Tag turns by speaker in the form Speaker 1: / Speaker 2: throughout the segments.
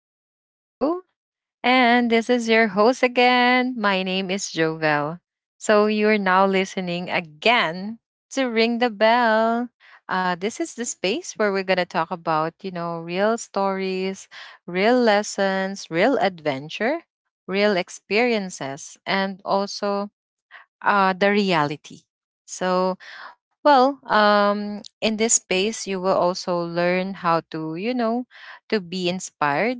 Speaker 1: back to the show. And this is your host again. My name is Jovel. So you're now listening again to Ring the Bell. This is the space where we're going to talk about, you know, real stories, real lessons, real adventure, real experiences, and also the reality. So, in this space, you will also learn how to, you know, to be inspired,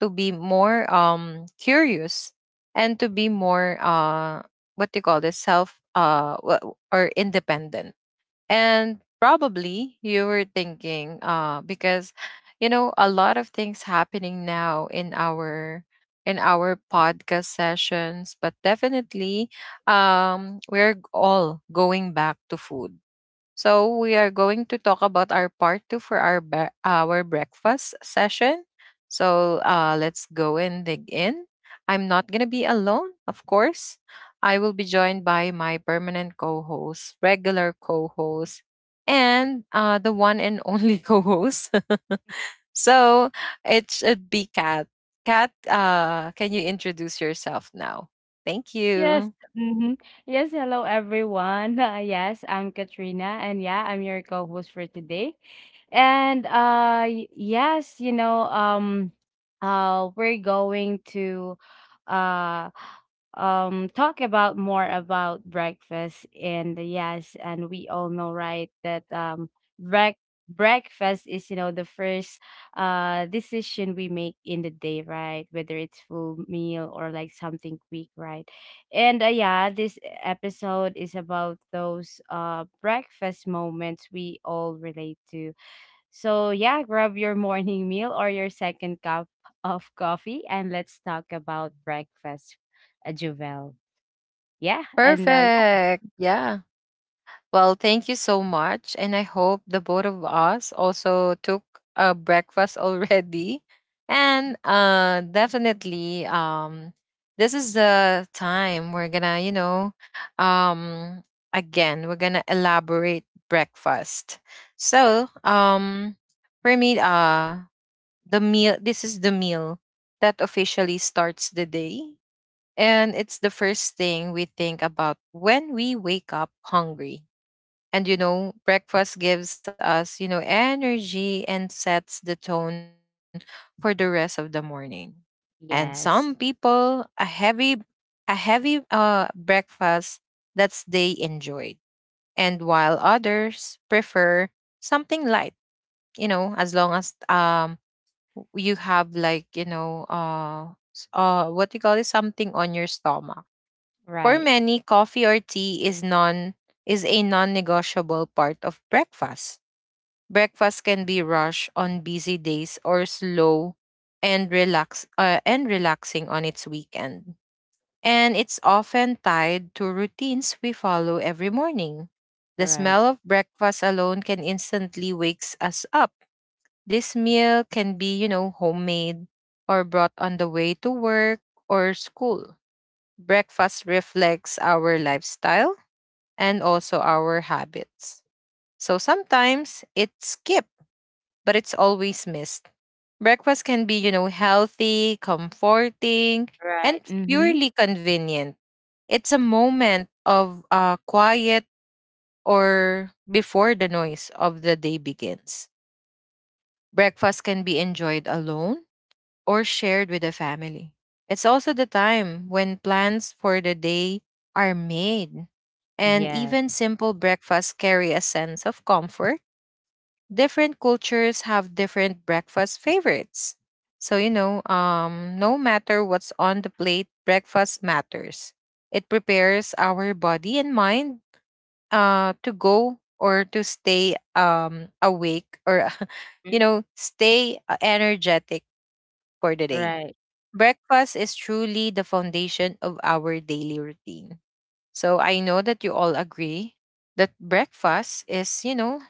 Speaker 1: to be more curious, and to be more, what do you call this, self or independent, and probably you were thinking, because you know, a lot of things happening now in our podcast sessions, but definitely we're all going back to food. So we are going to talk about our part two for our breakfast session. So let's go and dig in. I'm not gonna be alone, of course. I will be joined by my permanent co-host, regular co-host, and the one and only co-host. So it should be Kat. Kat, can you introduce yourself now? Thank
Speaker 2: Yes,
Speaker 1: you.
Speaker 2: mhm. Yes, hello everyone. Yes, I'm Katrina and yeah, I'm your co-host for today. And yes, we're going to uh talk about more about breakfast, and yes, and we all know, right, that break breakfast is, you know, the first decision we make in the day, right, whether it's full meal or like something quick, right. And yeah, this episode is about those breakfast moments we all relate to. So, yeah, grab your morning meal or your second cup of coffee and let's talk about breakfast, Juvel. Yeah, and yeah,
Speaker 1: Perfect. Yeah. Well, thank you so much. And I hope the both of us also took a breakfast already. And definitely, this is the time we're gonna, you know, um, again, we're gonna elaborate breakfast. So, for me, the meal, this is the meal that officially starts the day. And it's the first thing we think about when we wake up hungry, and you know, breakfast gives us, you know, energy and sets the tone for the rest of the morning. And some
Speaker 2: yes,
Speaker 1: people a heavy a heavy breakfast that's they enjoyed. And while others prefer something light, you know, as long as you have like, you know, what do you call it, something on your stomach. For
Speaker 2: right,
Speaker 1: many, coffee or tea is a non-negotiable part of breakfast. Breakfast can be rushed on busy days, or slow and relaxing on its weekend. And it's often tied to routines we follow every
Speaker 2: Mhm.
Speaker 1: morning. The
Speaker 2: Right,
Speaker 1: smell of breakfast alone can instantly wakes us up. This meal can be, you know, homemade or brought on the way to work or school. Breakfast reflects our lifestyle and also our habits. So sometimes it's skipped, but it's always missed. Breakfast can be, you know, healthy, comforting,
Speaker 2: Right.
Speaker 1: and
Speaker 2: Mm-hmm,
Speaker 1: purely convenient. It's a moment of quiet or before the noise of the day begins. Breakfast can be enjoyed alone or shared with the family. It's also the time when plans for the day are made. And
Speaker 2: yeah,
Speaker 1: even simple breakfasts carry a sense of comfort. Different cultures have different breakfast favorites. So, you know, no matter what's on the plate, breakfast matters. It prepares our body and mind to go or to stay awake, or you
Speaker 2: Mhm.
Speaker 1: know, stay energetic for the day.
Speaker 2: Right,
Speaker 1: Breakfast is truly the foundation of our daily routine. So I know that you all agree that breakfast is, you know,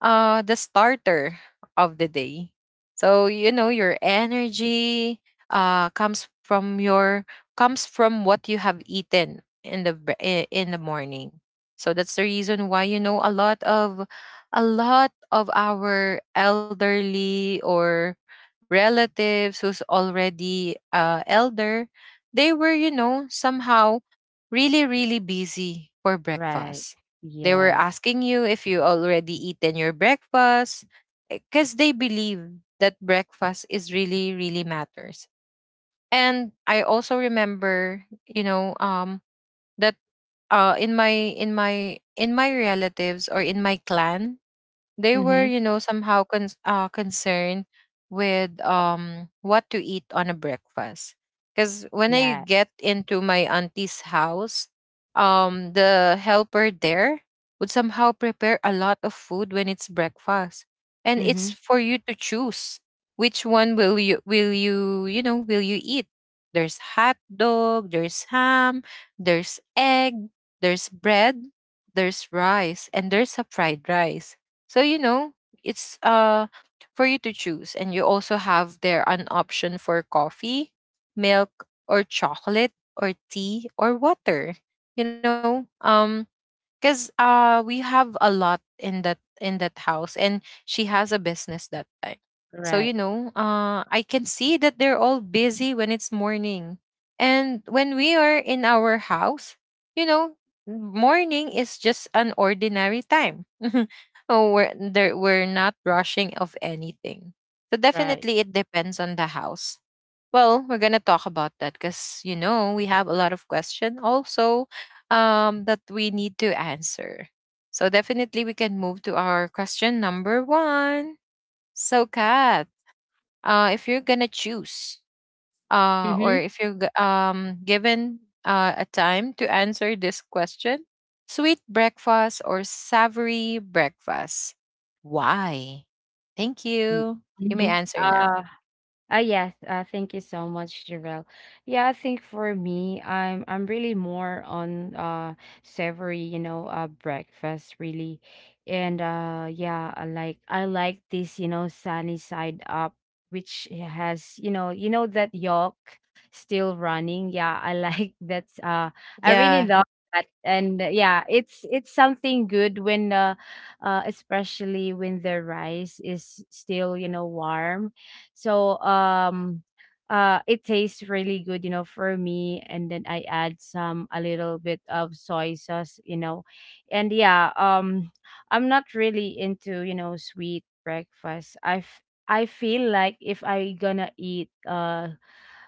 Speaker 1: the starter of the day. So you know your energy comes from your comes from what you have eaten in in the morning. So that's the reason why, you know, a lot of our elderly or relatives who's already elder, they were, you know, somehow really really busy for
Speaker 2: right,
Speaker 1: breakfast. They were
Speaker 2: yes,
Speaker 1: asking you if you already eaten your breakfast, because they believe that breakfast is really really matters. And I also remember, you know, that in my relatives or in my clan, they were,
Speaker 2: mm-hmm,
Speaker 1: you know, somehow concerned with what to eat on a breakfast. Because when I
Speaker 2: yeah,
Speaker 1: get into my auntie's house, the helper there would somehow prepare a lot of food when it's breakfast, and it's
Speaker 2: mm-hmm,
Speaker 1: for you to choose which one will you you know will you eat. There's hot dog, there's ham, there's egg, there's bread, there's rice, and there's a fried rice. So you know, it's for you to choose, and you also have there an option for coffee, milk or chocolate or tea or water. You know, because we have a lot in that house and she has a business that time. So you
Speaker 2: right,
Speaker 1: know I can see that they're all busy when it's morning. And when we are in our house, you know, morning is just an ordinary time. Oh, we're there, we're not rushing of anything. So
Speaker 2: Right.
Speaker 1: definitely it depends on the house. Well, we're gonna talk about that because you know we have a lot of question also, that we need to answer. So definitely we can move to our question number one. So Kat, if you're gonna choose, or
Speaker 2: Mm-hmm.
Speaker 1: if you're g- given a time to answer this question, sweet breakfast or savory breakfast, why? Thank
Speaker 2: Mm.
Speaker 1: you. You may
Speaker 2: Mm-hmm.
Speaker 1: answer now.
Speaker 2: Yes, thank you so much, Jarelle. Yeah, I think for me, I'm really more on savory, you know, breakfast really. And yeah, I like this, you know, sunny side up, which has, you know that yolk still running. Yeah, I like that I
Speaker 1: Yeah.
Speaker 2: really love that. And yeah, it's something good when especially when the rice is still, you know, warm, so it tastes really good, you know, for me. And then I add some a little bit of soy sauce. And yeah, I'm not really into, you know, sweet breakfast. I've I feel like if I gonna eat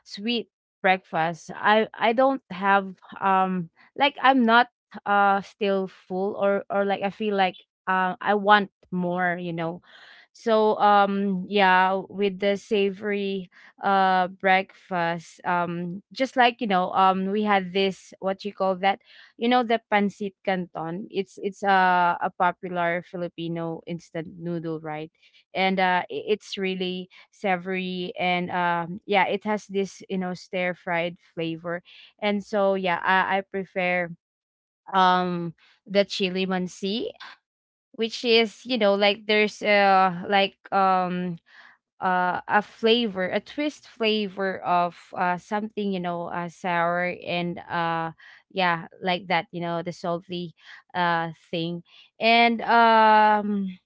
Speaker 2: sweet breakfast. I don't have like I'm not still full or like I feel like, I want more, you know. So yeah, with the savory breakfast, just like, we had this, what you call that, you know, the pancit canton. It's a popular filipino instant noodle, right. And it's really savory and yeah, it has this, you know, stir fried flavor. And so yeah, I prefer um the chili mansi, which is, you know, like there's like a flavor, a twist flavor of something, you know, sour and yeah, like that, you know, the salty thing. And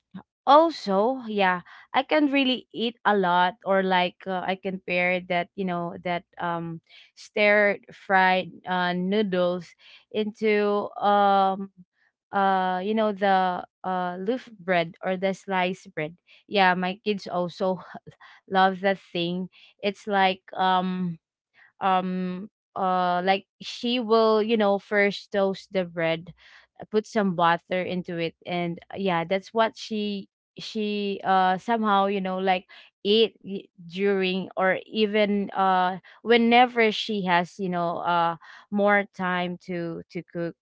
Speaker 2: also, yeah, I can really eat a lot, or like, I can pair that, you know, that, stir fried noodles into you know, the loaf bread or the sliced bread. Yeah, my kids also love that thing. It's um like she will, you know, first toast the bread, put some butter into it, and yeah, that's what she somehow, you know, like eat during or even whenever she has, you know, more time to cook.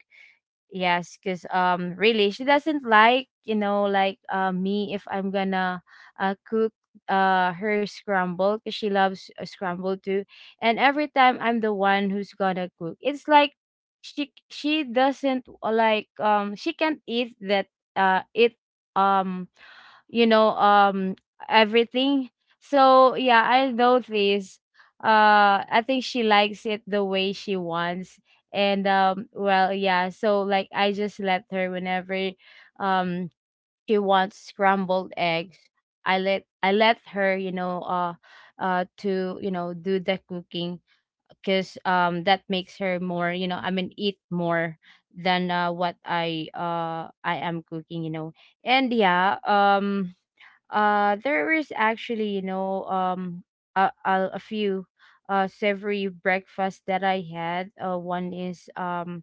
Speaker 2: Yes, because really she doesn't like, you know, like, me, if I'm gonna cook her scramble, because she loves scramble too. And every time I'm the one who's gonna cook. It's like she doesn't, like, she can't eat that, it, um you know um everything. So yeah, I noticed, I think she likes it the way she wants. And well, yeah, so like I just let her whenever, um she wants scrambled eggs. I let her, you know, to, you know, do the cooking, because that makes her more, you know, I mean, eat more than, what I am cooking, you know. And yeah, there is actually, you know, a few savory breakfast that I had. One is, um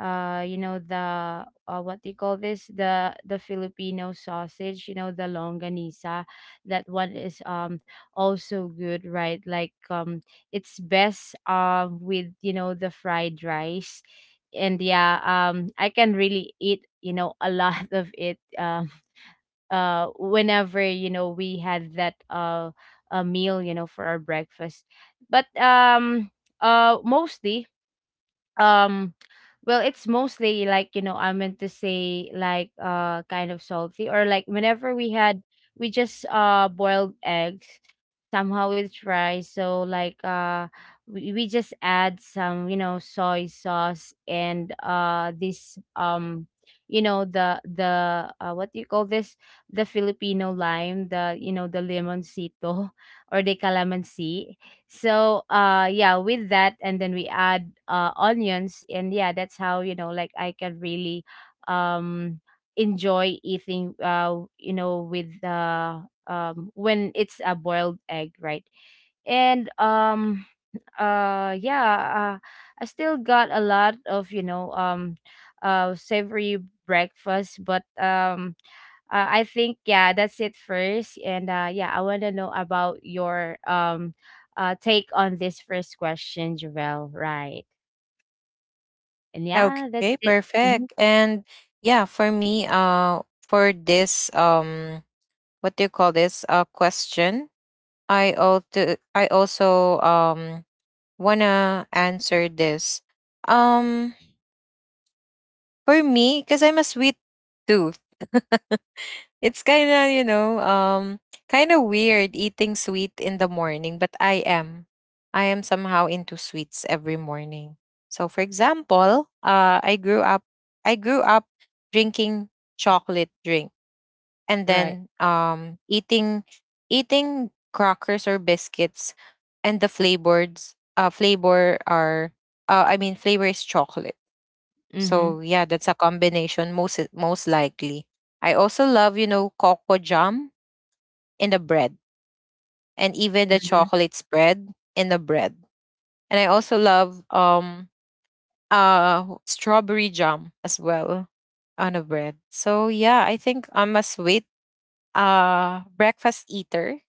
Speaker 2: uh you know, the, what do you call this, the filipino sausage, you know, the longanisa. That one is, also good, right, like, it's best, with, you know, the fried rice. And yeah, I can really eat, you know, a lot of it, whenever, you know, we had that, a meal, you know, for our breakfast. But mostly, um well, it's mostly like, you know, I meant to say, like, kind of salty, or like whenever we had, we just boiled eggs, somehow with rice. So like, we just add some, you know, soy sauce, and this, you know, the, what do you call this, the filipino lime, the, you know, the limoncito or the calamansi. So yeah, with that, and then we add onions, and yeah, that's how, you know, like I can really, um enjoy eating, you know, with the, when it's a boiled egg, right? And yeah, I still got a lot of, you know, savory breakfast, but I think, yeah, that's it first, and yeah, I want to know about your, take on this first question, Javel. Right, and yeah, that's
Speaker 1: Okay,
Speaker 2: it. Hmm.
Speaker 1: perfect. And yeah, for me, for this, what do you call this? Question. I also, wanna answer this. Um, for me, because I'm a sweet tooth. It's kind of, you know, kind of weird eating sweet in the morning, but I am. I am somehow into sweets every morning. So, for example, I grew up drinking chocolate drink, and
Speaker 2: Right.
Speaker 1: then eating crackers or biscuits, and flavor I mean, flavor is chocolate.
Speaker 2: Mm-hmm.
Speaker 1: So yeah, that's a combination most most likely. I also love, you know, cocoa jam in the bread, and even the
Speaker 2: Mm-hmm.
Speaker 1: chocolate spread in the bread. And I also love strawberry jam as well on a bread. So yeah, I think I'm a sweet breakfast eater,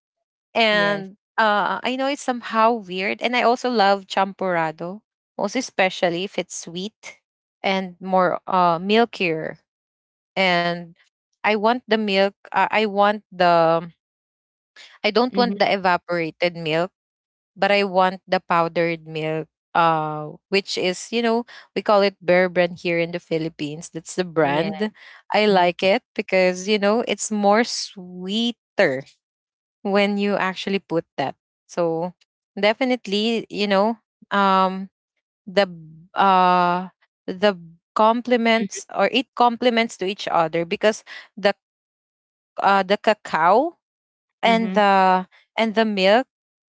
Speaker 2: Yes.
Speaker 1: and I know it's somehow weird. And I also love champurrado, most especially if it's sweet and more milkier. And I want the milk. I don't
Speaker 2: Mm-hmm.
Speaker 1: want the evaporated milk, but I want the powdered milk. Which is, you know, we call it Bear Brand here in the Philippines. That's the
Speaker 2: Yeah.
Speaker 1: brand. I
Speaker 2: Mm-hmm.
Speaker 1: like it because you know it's more sweeter when you actually put that. So definitely, you know, um, the b- uh the complements, or it complements to each other, because the the cacao and
Speaker 2: Mm-hmm.
Speaker 1: the milk,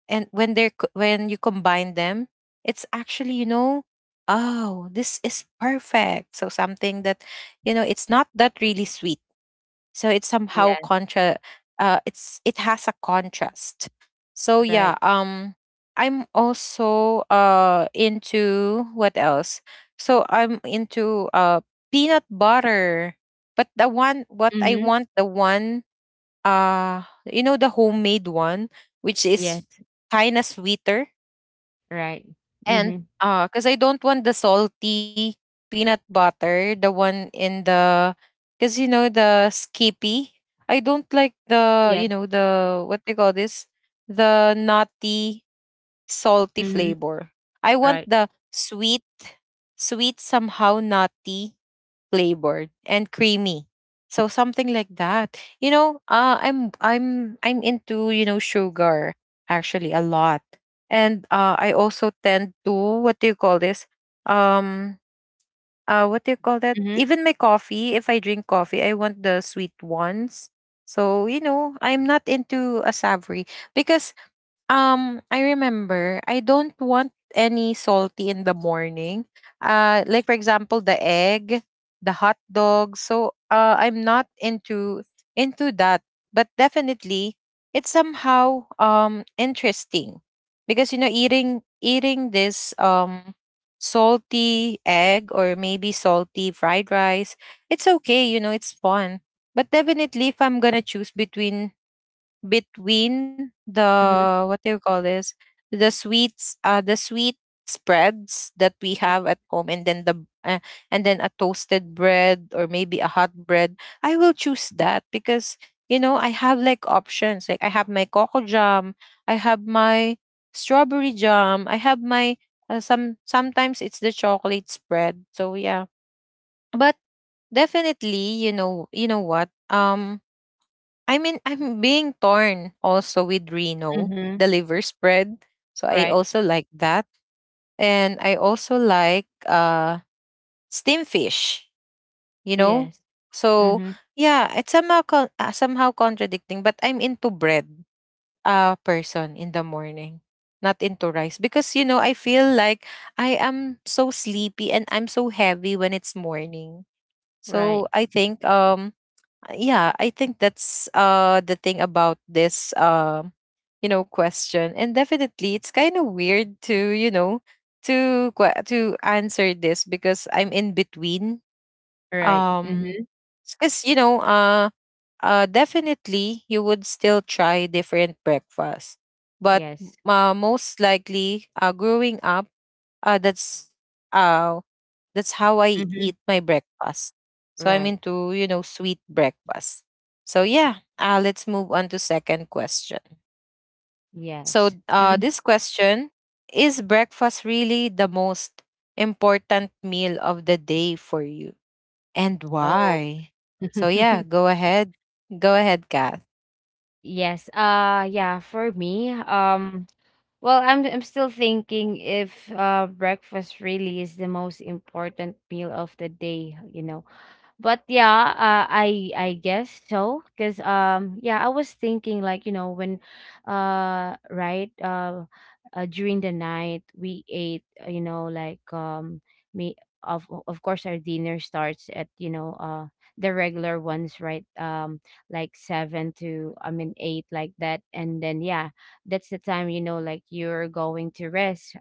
Speaker 1: and when when you combine them, it's actually, you know, oh, this is perfect. So something that, you know, it's not that really sweet, so it's somehow
Speaker 2: Yes.
Speaker 1: contra it's it has a contrast. So
Speaker 2: Right.
Speaker 1: yeah, I'm also into what else. So I'm into peanut butter, but the one, what I
Speaker 2: Mm-hmm.
Speaker 1: want, the one, uh you know, the homemade one, which is
Speaker 2: Yes.
Speaker 1: kind of sweeter.
Speaker 2: Right. Mm-hmm.
Speaker 1: And because I don't want the salty peanut butter, the one in the, because you know the Skippy. I don't like the, you
Speaker 2: Yes.
Speaker 1: know, the what they call this, the nutty salty
Speaker 2: Mm-hmm.
Speaker 1: flavor. I want
Speaker 2: Right.
Speaker 1: the sweet, sweet somehow nutty flavored and creamy. So something like that. You know, I'm into you know sugar actually a lot, and I also tend to what do you call this? Um, what do you call that?
Speaker 2: Mm-hmm.
Speaker 1: Even my coffee, if I drink coffee, I want the sweet ones. So you know, I'm not into a savory because I remember I don't want any salty in the morning. Like for example, the egg, the hot dog. So uh, I'm not into that. But definitely, it's somehow interesting, because you know eating this salty egg or maybe salty fried rice. It's okay, you know, it's fun. But definitely, if I'm gonna choose between
Speaker 2: Mm-hmm.
Speaker 1: the what do you call this, the sweets, the sweet spreads that we have at home, and then the uh, and then a toasted bread or maybe a hot bread, I will choose that, because you know I have like options. Like I have my cocoa jam, I have my strawberry jam, I have my some sometimes it's the chocolate spread. So yeah, but definitely you know, you know what, I mean, I'm being torn also with Reno,
Speaker 2: Mm-hmm.
Speaker 1: the liver spread. So I
Speaker 2: Right.
Speaker 1: also like that. And I also like steamed fish, you know?
Speaker 2: Yes.
Speaker 1: So
Speaker 2: Mm-hmm.
Speaker 1: yeah, it's somehow somehow contradicting, but I'm into bread person in the morning, not into rice, because you know, I feel like I am so sleepy and I'm so heavy when it's morning. So
Speaker 2: Right.
Speaker 1: I think yeah, I think that's the thing about this question. And definitely it's kind of weird to to answer this because I'm in between.
Speaker 2: Right.
Speaker 1: um
Speaker 2: Mm-hmm.
Speaker 1: because definitely you would still try different breakfasts, but
Speaker 2: Yes.
Speaker 1: most likely growing up, uh that's uh that's how I eat
Speaker 2: Mm-hmm.
Speaker 1: my breakfast. So I'm
Speaker 2: Right.
Speaker 1: into sweet breakfast. So yeah, let's move on to second question. So
Speaker 2: Yes. Mhm.
Speaker 1: this question: is breakfast really the most important meal of the day for you and
Speaker 2: Oh.
Speaker 1: why? So yeah, go ahead. Go ahead, Kath.
Speaker 2: Yes. Yeah, for me, well, I'm still thinking if breakfast really is the most important meal of the day, you know. But yeah, I guess so, because yeah, I was thinking, like, you know, when, right, during the night we ate, you know, like, me, of course our dinner starts at, you know, the regular ones, right, like 7 to, I mean, 8, like that. And then, yeah, that's the time, you know, like you're going to rest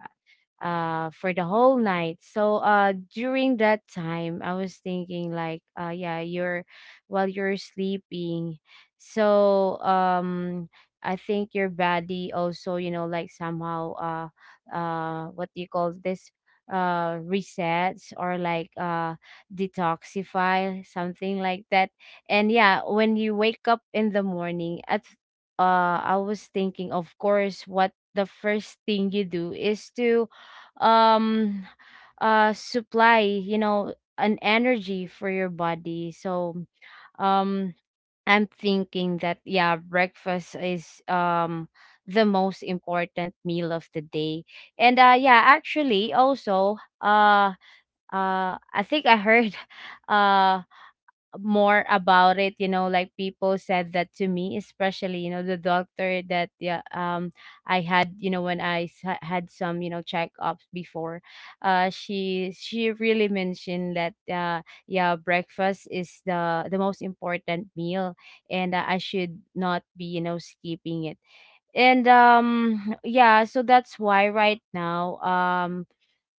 Speaker 2: for the whole night. So during that time I was thinking like yeah you're while you're sleeping so I think your body also, you know, like, somehow, what do you call this, resets, or like, detoxify, something like that. And yeah, when you wake up in the morning at, I was thinking, of course, what the first thing you do is to, um supply, you know, an energy for your body. So um I'm thinking that yeah, breakfast is, the most important meal of the day. And yeah, actually, also, uh I think I heard uh more about it, you know, like people said that to me, especially, you know, the doctor, that yeah, I had, you know, when I had some, you know, checkups before. She really mentioned that, yeah, breakfast is the most important meal, and, I should not be, you know, skipping it. And yeah, so that's why right now,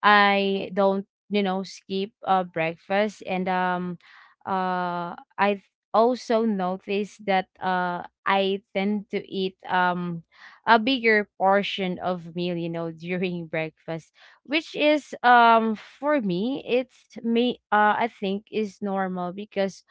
Speaker 2: I don't, you know, skip, breakfast. And I also noticed that, I tend to eat, a bigger portion of meal, you know, during breakfast, which is, for me, it's me. I think is normal, because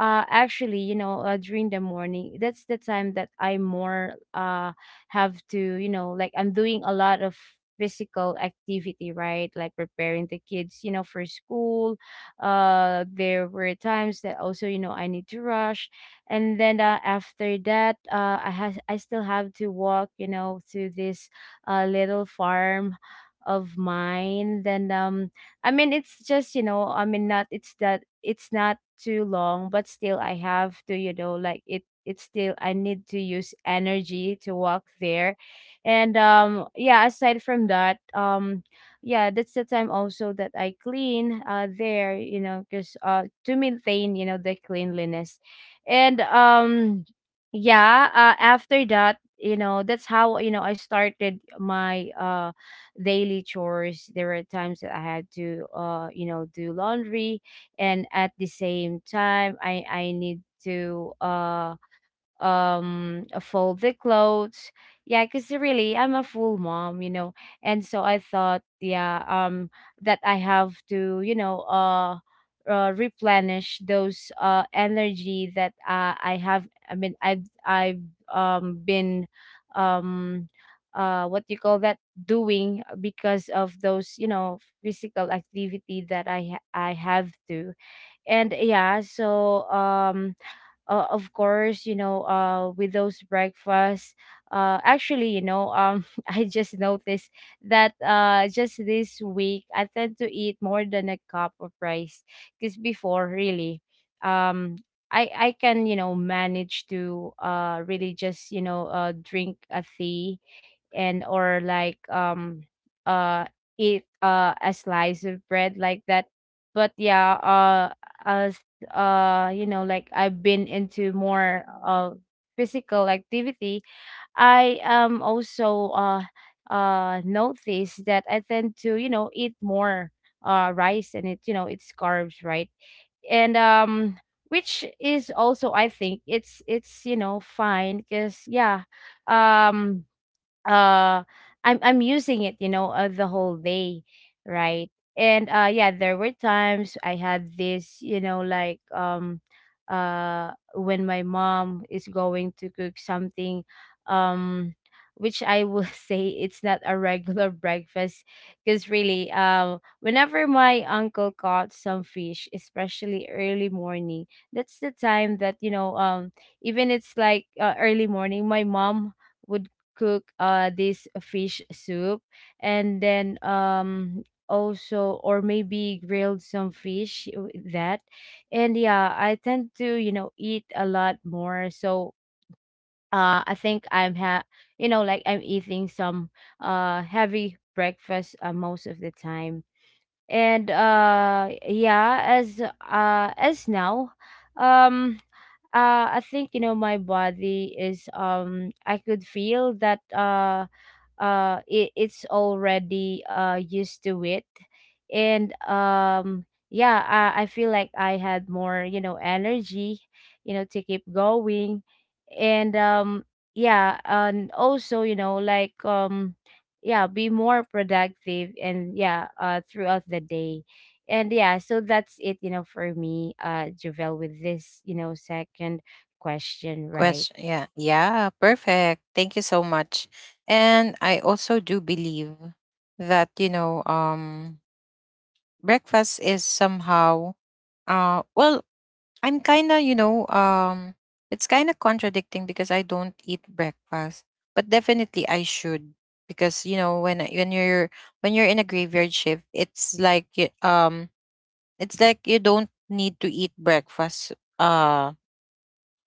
Speaker 2: actually, you know, during the morning, that's the time that I more, have to, you know, like I'm doing a lot of physical activity, right, like preparing the kids, you know, for school. There were times that also, you know, I need to rush, and then, after that, I still have to walk, you know, to this, little farm of mine, then. I mean, it's just, you know, I mean, not it's that, it's not too long, but still I have to, you know, like it, it's still I need to use energy to walk there. And yeah, aside from that, yeah, that's the time also that I clean there, you know, cuz, to maintain, you know, the cleanliness. And yeah, after that, you know, that's how, you know, I started my daily chores. There were times that I had to, you know, do laundry, and at the same time, I need to fold the clothes. Yeah, because really I'm a full mom, you know. And so I thought, yeah, that I have to, you know, replenish those, energy that, I mean I've been, um what do you call that, doing, because of those, you know, physical activity that I have to. And yeah, so, of course, you know, with those breakfasts. Actually, you know, I just noticed that, just this week I tend to eat more than a cup of rice, because before, really, um, I can, you know, manage to really just, you know, drink a tea, and or like, uh eat a slice of bread, like that. But yeah, uh like I've been into more physical activity. I am also notice that I tend to, eat more rice, and it, it's carbs, right? And which is also, I think it's, fine, because yeah, um uh I'm using it, the whole day, right. And yeah, there were times I had this, like, when my mom is going to cook something, um which I will say it's not a regular breakfast. Because really, whenever my uncle caught some fish, especially early morning, that's the time that, even it's like, early morning my mom would cook this fish soup, and then, also, or maybe grilled some fish with that. And yeah, I tend to, eat a lot more, so I think, I'm ha like, I'm eating some heavy breakfast, most of the time. And yeah, as now, um I think, my body is, I could feel that it's already used to it. And yeah, I feel like I had more, energy, to keep going. And yeah, and also, like, yeah, be more productive, and yeah, throughout the day. And yeah, so that's it, for me, Javel, with this, second question, right?
Speaker 1: Question. Yeah. Yeah, perfect. Thank you so much. And I also do believe that, breakfast is somehow, well, I'm kind of it's kind of contradicting because I don't eat breakfast, but definitely I should, because when you're in a graveyard shift, it's like it's like you don't need to eat breakfast, uh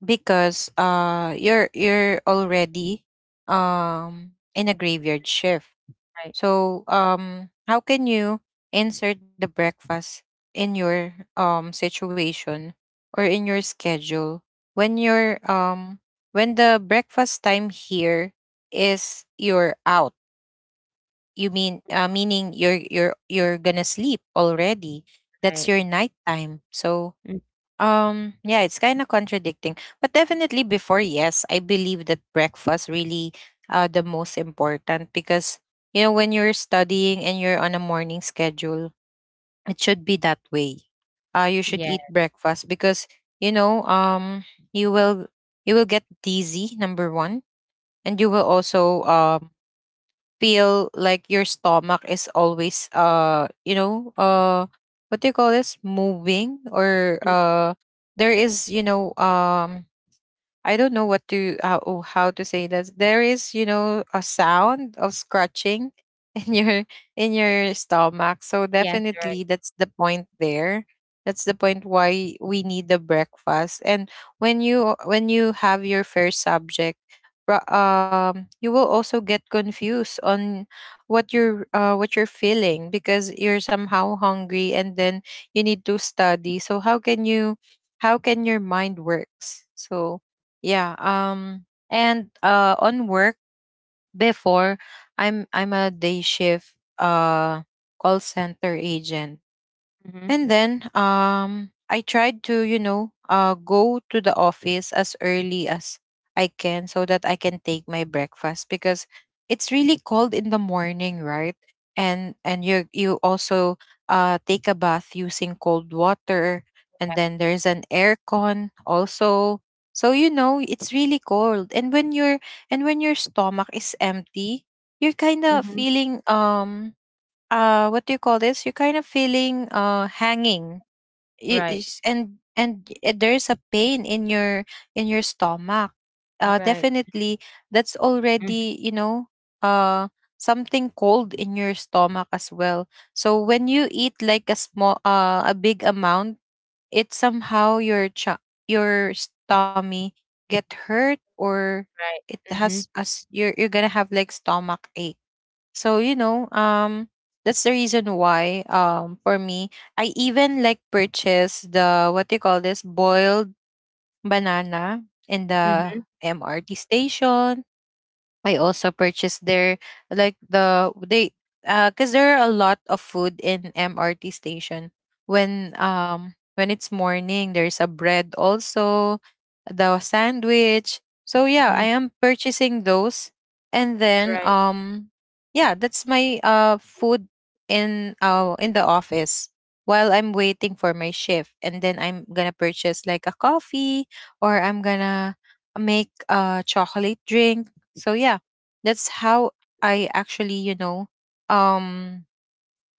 Speaker 1: because you're already in a graveyard shift.
Speaker 2: Right.
Speaker 1: So, how can you insert the breakfast in your situation, or in your schedule, when your um when the breakfast time here is you're out? You mean, meaning you're gonna sleep already. That's
Speaker 2: Right.
Speaker 1: your night time. So,
Speaker 2: Mm,
Speaker 1: yeah, it's kind of contradicting. But definitely before, yes, I believe that breakfast really, the most important, because when you're studying and you're on a morning schedule, it should be that way. You should
Speaker 2: yeah.
Speaker 1: eat breakfast because, you know, um you will you will get dizzy number 1, and you will also feel like your stomach is always, what do you call this, moving, or there is, I don't know what to how oh, how to say this. There is, a sound of scratching in your stomach. So
Speaker 2: Yes. Right.
Speaker 1: definitely that's the point there. That's the point why we need the breakfast. And when you have your first subject, you will also get confused on what you're, what you're feeling because you're somehow hungry and then you need to study. So how can your mind works? So yeah. And on work before, I'm a day shift call center agent.
Speaker 2: Hmm.
Speaker 1: And then I tried to, go to the office as early as I can so that I can take my breakfast because it's really cold in the morning, right? And you also take a bath using cold water, and then there's an aircon also. So it's really cold. And when your stomach is empty, you're kind of
Speaker 2: Mhm.
Speaker 1: feeling, what do you call this? You're kind of feeling hanging.
Speaker 2: Right.
Speaker 1: There's a pain in your stomach.
Speaker 2: Right.
Speaker 1: Definitely that's
Speaker 2: Mhm.
Speaker 1: already, uh something cold in your stomach as well. So when you eat like a small, a big amount, it somehow your your stomach get hurt, or
Speaker 2: Right.
Speaker 1: it
Speaker 2: Mhm.
Speaker 1: has as you're gonna have like stomach ache, so, that's the reason why, for me, I even like purchase the, what do you call this, boiled banana in the
Speaker 2: Mhm.
Speaker 1: MRT station. I also purchased their like the they because there are a lot of food in MRT station. When it's morning, there's a bread also, the sandwich. So yeah, I
Speaker 2: Mhm.
Speaker 1: am purchasing those, and then,
Speaker 2: Right.
Speaker 1: yeah, that's my food in, in the office while I'm waiting for my shift, and then I'm gonna purchase like a coffee, or I'm gonna make a chocolate drink. So yeah, that's how I actually, um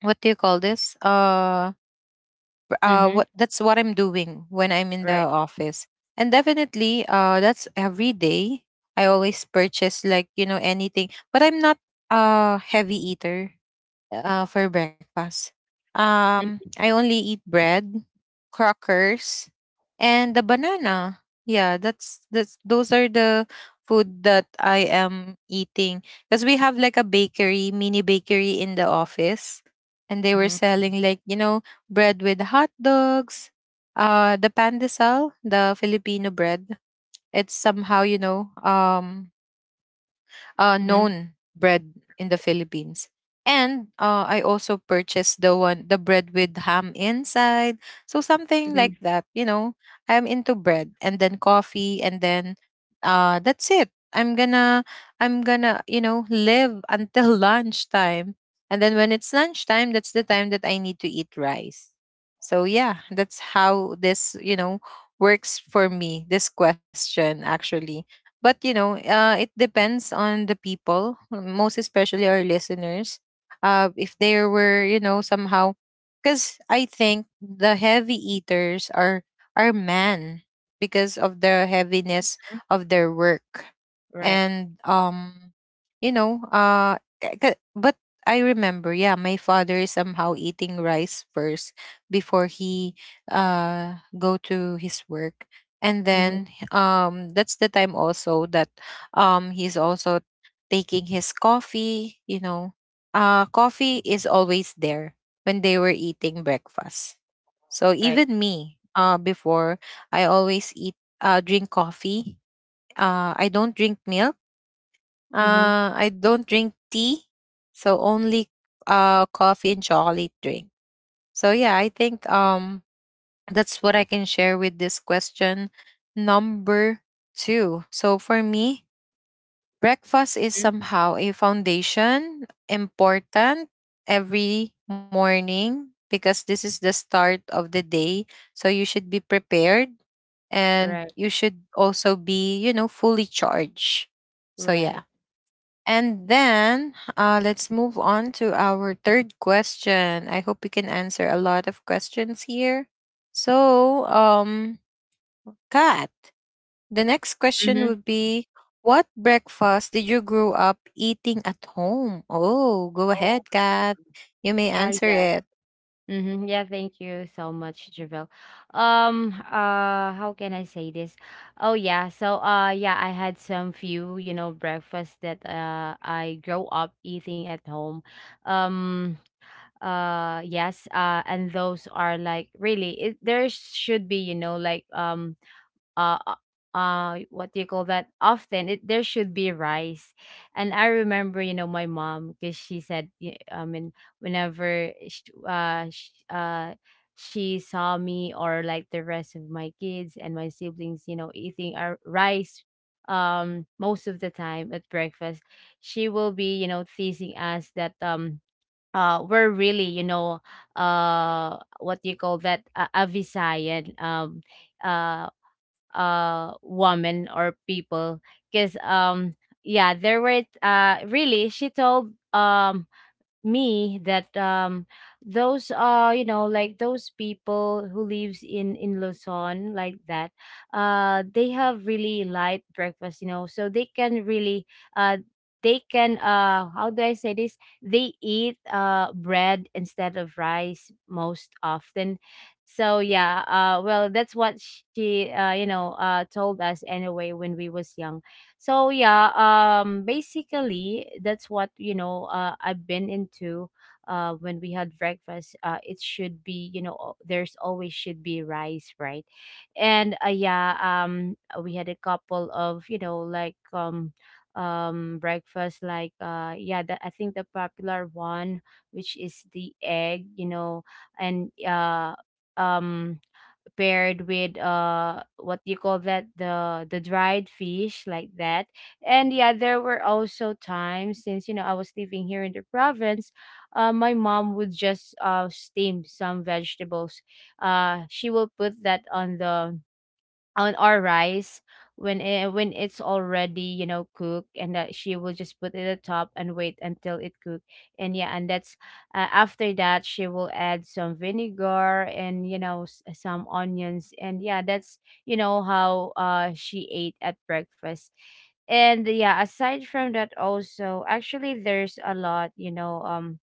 Speaker 1: what do you call this? Pr-
Speaker 2: Mhm.
Speaker 1: what That's what I'm doing when I'm in the
Speaker 2: Right.
Speaker 1: office. And definitely, that's every day. I always purchase, like, anything. But I'm not a heavy eater, for breakfast.
Speaker 2: Mhm.
Speaker 1: I only eat bread, crackers, and the banana. Yeah, that's those are the food that I am eating because we have like a bakery, mini bakery in the office, and they were
Speaker 2: Mhm.
Speaker 1: selling, like, bread with hot dogs, the pandesal, the Filipino bread. It's somehow
Speaker 2: Mhm.
Speaker 1: known bread in the Philippines. And I also purchased the one, the bread with ham inside. So something
Speaker 2: Mhm.
Speaker 1: like that. I'm into bread and then coffee and then, that's it. I'm gonna, live until lunchtime. And then when it's lunchtime, that's the time that I need to eat rice. So yeah, that's how this, works for me. This question actually, but, it depends on the people, most especially our listeners, if there were, somehow, because I think the heavy eaters are men because of the heaviness of their work.
Speaker 2: Right.
Speaker 1: And but I remember, yeah, my father is somehow eating rice first before he go to his work, and
Speaker 2: Mhm.
Speaker 1: then that's the time also that he's also taking his coffee, coffee is always there when they were eating breakfast. So
Speaker 2: Right.
Speaker 1: even me, before, I always eat drink coffee. I don't drink milk,
Speaker 2: Mhm.
Speaker 1: I don't drink tea. So only coffee and chocolate drink. So yeah, I think, that's what I can share with this question. Number two. So for me, breakfast is
Speaker 2: Mhm.
Speaker 1: somehow a foundation important every morning because this is the start of the day. So you should be prepared, and
Speaker 2: Right.
Speaker 1: you should also be, fully charged. So yeah.
Speaker 2: Right.
Speaker 1: And then, let's move on to our third question. I hope we can answer a lot of questions here. So, Kat, the next question
Speaker 2: Mhm.
Speaker 1: would be: what breakfast did you grow up eating at home? Oh, go
Speaker 2: Oh.
Speaker 1: ahead, Kat. You may answer
Speaker 2: Yeah.
Speaker 1: it.
Speaker 2: Mhm. Yeah. Thank you so much, Javel. How can I say this? Oh yeah. So. Yeah. I had some few, breakfast that. I grow up eating at home. Um. Yes, and those are, like, really, there should be, like, uh uh what do you call that, often, it there should be rice. And I remember, my mom, because she said, I mean, whenever sh sh she saw me, or like the rest of my kids and my siblings, eating our rice, most of the time at breakfast. She will be, teasing us that, were really, what do you call that, a Visayan, uh woman or people, because, yeah, there were really, she told, me that, those are, like, those people who lives in Luzon, like that. They have really light breakfast, so they can really, uh they can how do I say this, they eat bread instead of rice, most often. So yeah, well, that's what she, told us anyway when we was young. So yeah, basically that's what, I've been into when we had breakfast. It should be, you know, there's always should be rice, right? And yeah, we had a couple of, you know, like, breakfast like, yeah, I think the popular one which is the egg, you know, and, um paired with, what do you call that, the dried fish, like that. And yeah, there were also times since, I was living here in the province. My mom would just steam some vegetables. She will put that on our rice, when it's already, cooked, and that she will just put it at top, and wait until it cook. And yeah, and that's, after that, she will add some vinegar and, some onions. And yeah, that's, how she ate at breakfast. And yeah, aside from that, also, actually, there's a lot, you know um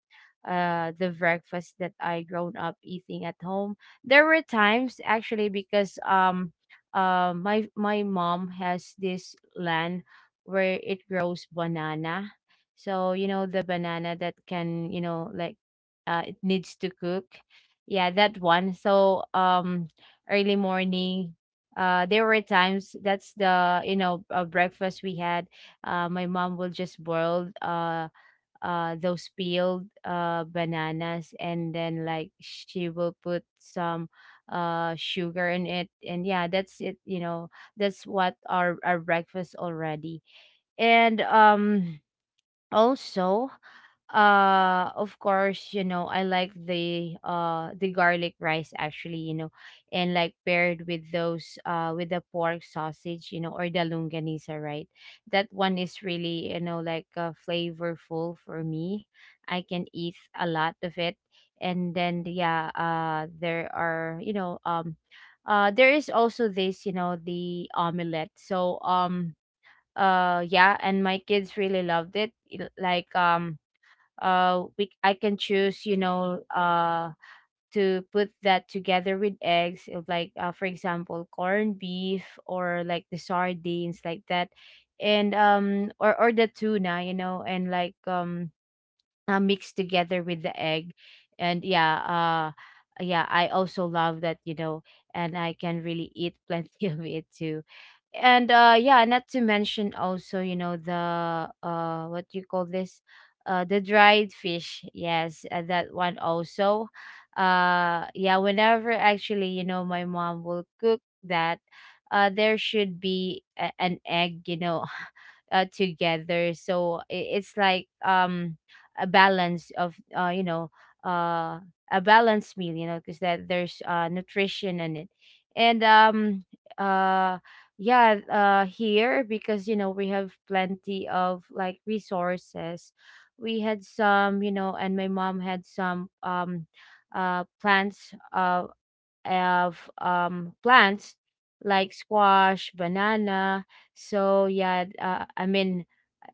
Speaker 2: uh the breakfast that I grown up eating at home. There were times, actually, because, my mom has this land where it grows banana. So, the banana that can, like, it needs to cook. Yeah, that one. So, early morning. There were times that's the, breakfast we had. My mom will just boil. Those peeled bananas, and then, like, she will put some sugar in it. And yeah, that's it, you know, that's what our breakfast already. And also, of course, I like the garlic rice, actually, you know, and like paired with those, with the pork sausage, you know, or the lunganisa, right? That one is really, like, flavorful for me, I can eat a lot of it. And then yeah, there are, there is also this, you know, the omelette. So, yeah, and my kids really loved it. Like, we I can choose, to put that together with eggs of, like, for example, corned beef, or like the sardines, like that. And, or the tuna, you know, and like, mixed together with the egg. And yeah, yeah, I also love that, you know, and I can really eat plenty of it too. And yeah, not to mention also, the what you call this, the dried fish. Yes, that one also. Yeah, whenever, actually, my mom will cook that, there should be an egg, you know, together, so it's like, a balance of, you know, uh a balanced meal, you know, because that there's nutrition in it. And um uh yeah, here, because, we have plenty of, like, resources. We had some, you know, and my mom had some, plants, of plants like squash, banana, so yeah, I mean,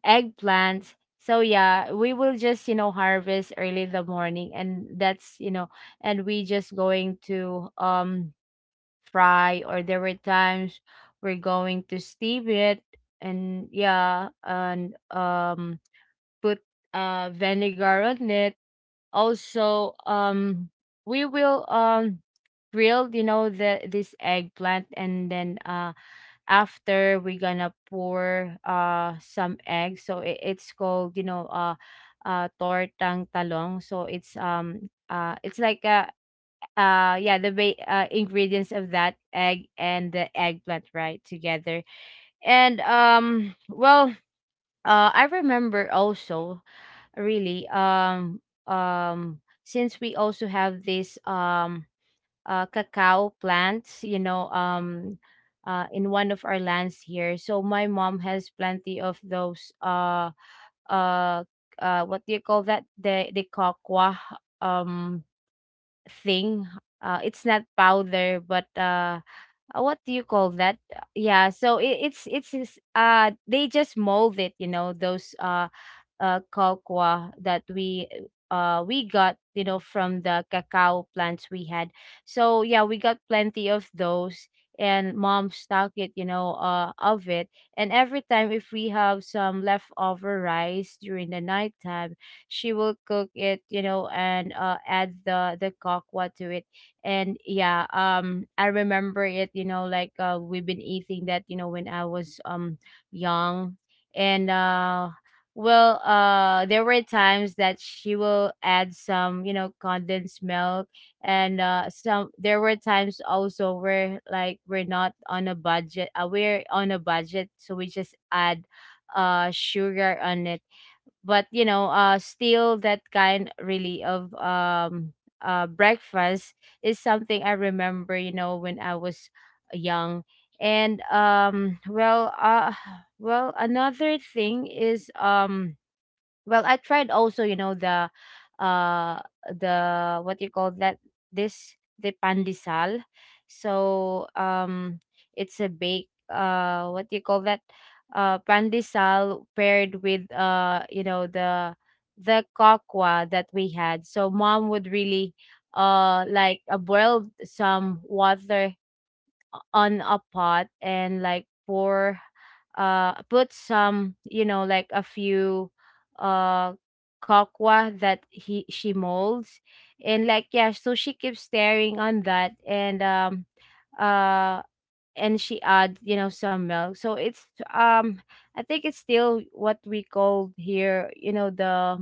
Speaker 2: eggplants. So yeah, we will just, you know, harvest early in the morning, and that's, you know, and we just going to fry, or there were times we're going to steam it, and yeah, and put vinegar on it. Also, we will, grilled, you know, the this eggplant, and then, after, we're gonna pour some eggs, so it's called, you know, tortang talong. So it's like, yeah, the, ingredients of that egg and the eggplant, right together. And well, I remember also, really, um since we also have this, cacao plants, you know, in one of our lands here. So my mom has plenty of those, uh, what do you call that? The cocoa, um thing. It's not powder, but, what do you call that? Yeah, so it, it's, they just mold it, you know, those, cocoa that we got, you know, from the cacao plants we had. So yeah, we got plenty of those, and mom stocked it, of it. And every time, if we have some leftover rice during the nighttime, she will cook it, you know, and add the cocoa to it. And yeah, I remember it, you know, like, we've been eating that, you know, when I was, young. And well, there were times that she will add some, you know, condensed milk, and, some. There were times also where, like, we're not on a budget. We're on a budget, so we just add, sugar on it. But, still that kind really of, breakfast is something I remember. When I was young. and um, well, uh, well, another thing is, I tried also, the, uh what you call that, this the pandesal. So it's a bake, what you call that, pandesal, paired with, the cocoa that we had. So mom would really, like, boiled some water on a pot and like pour put some, like a few, uh cocoa that he she molds. And, like, yeah, so she keeps staring on that. And um uh and she adds, some milk, so it's, um I think it's still what we call here, you know the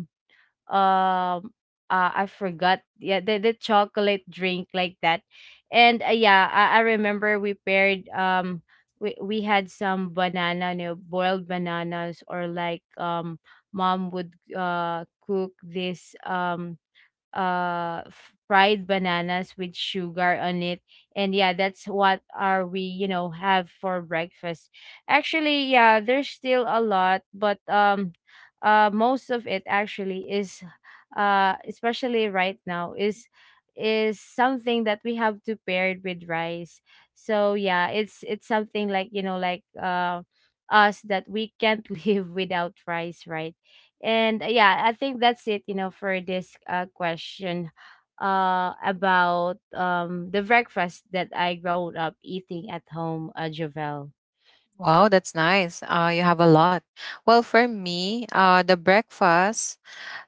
Speaker 2: um I forgot. Yeah, the chocolate drink, like that. And yeah, I remember we paired, we had some banana, boiled bananas, or like, mom would, cook this, uh fried bananas with sugar on it. And yeah, that's what are we, have for breakfast. Actually, yeah, there's still a lot, but, most of it actually is, especially right now, is something that we have to pair with rice. So yeah, it's something like, like, us that we can't live without rice, right? And yeah, I think that's it, for this, question, about, the breakfast that I grew up eating at home, Javel.
Speaker 1: Wow, that's nice. You have a lot. Well, for me, the breakfast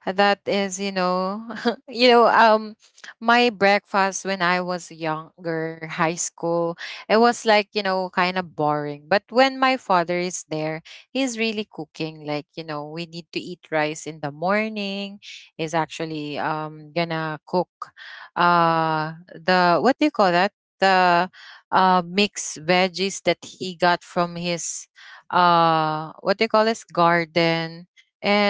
Speaker 1: that is you know um my breakfast when I was younger, high school, it was like, kind of boring, but when my father is there, he's really cooking, like, we need to eat rice in the morning, is actually gonna cook the, what do you call that, the mixed veggies that he got from his, what do you call this, garden.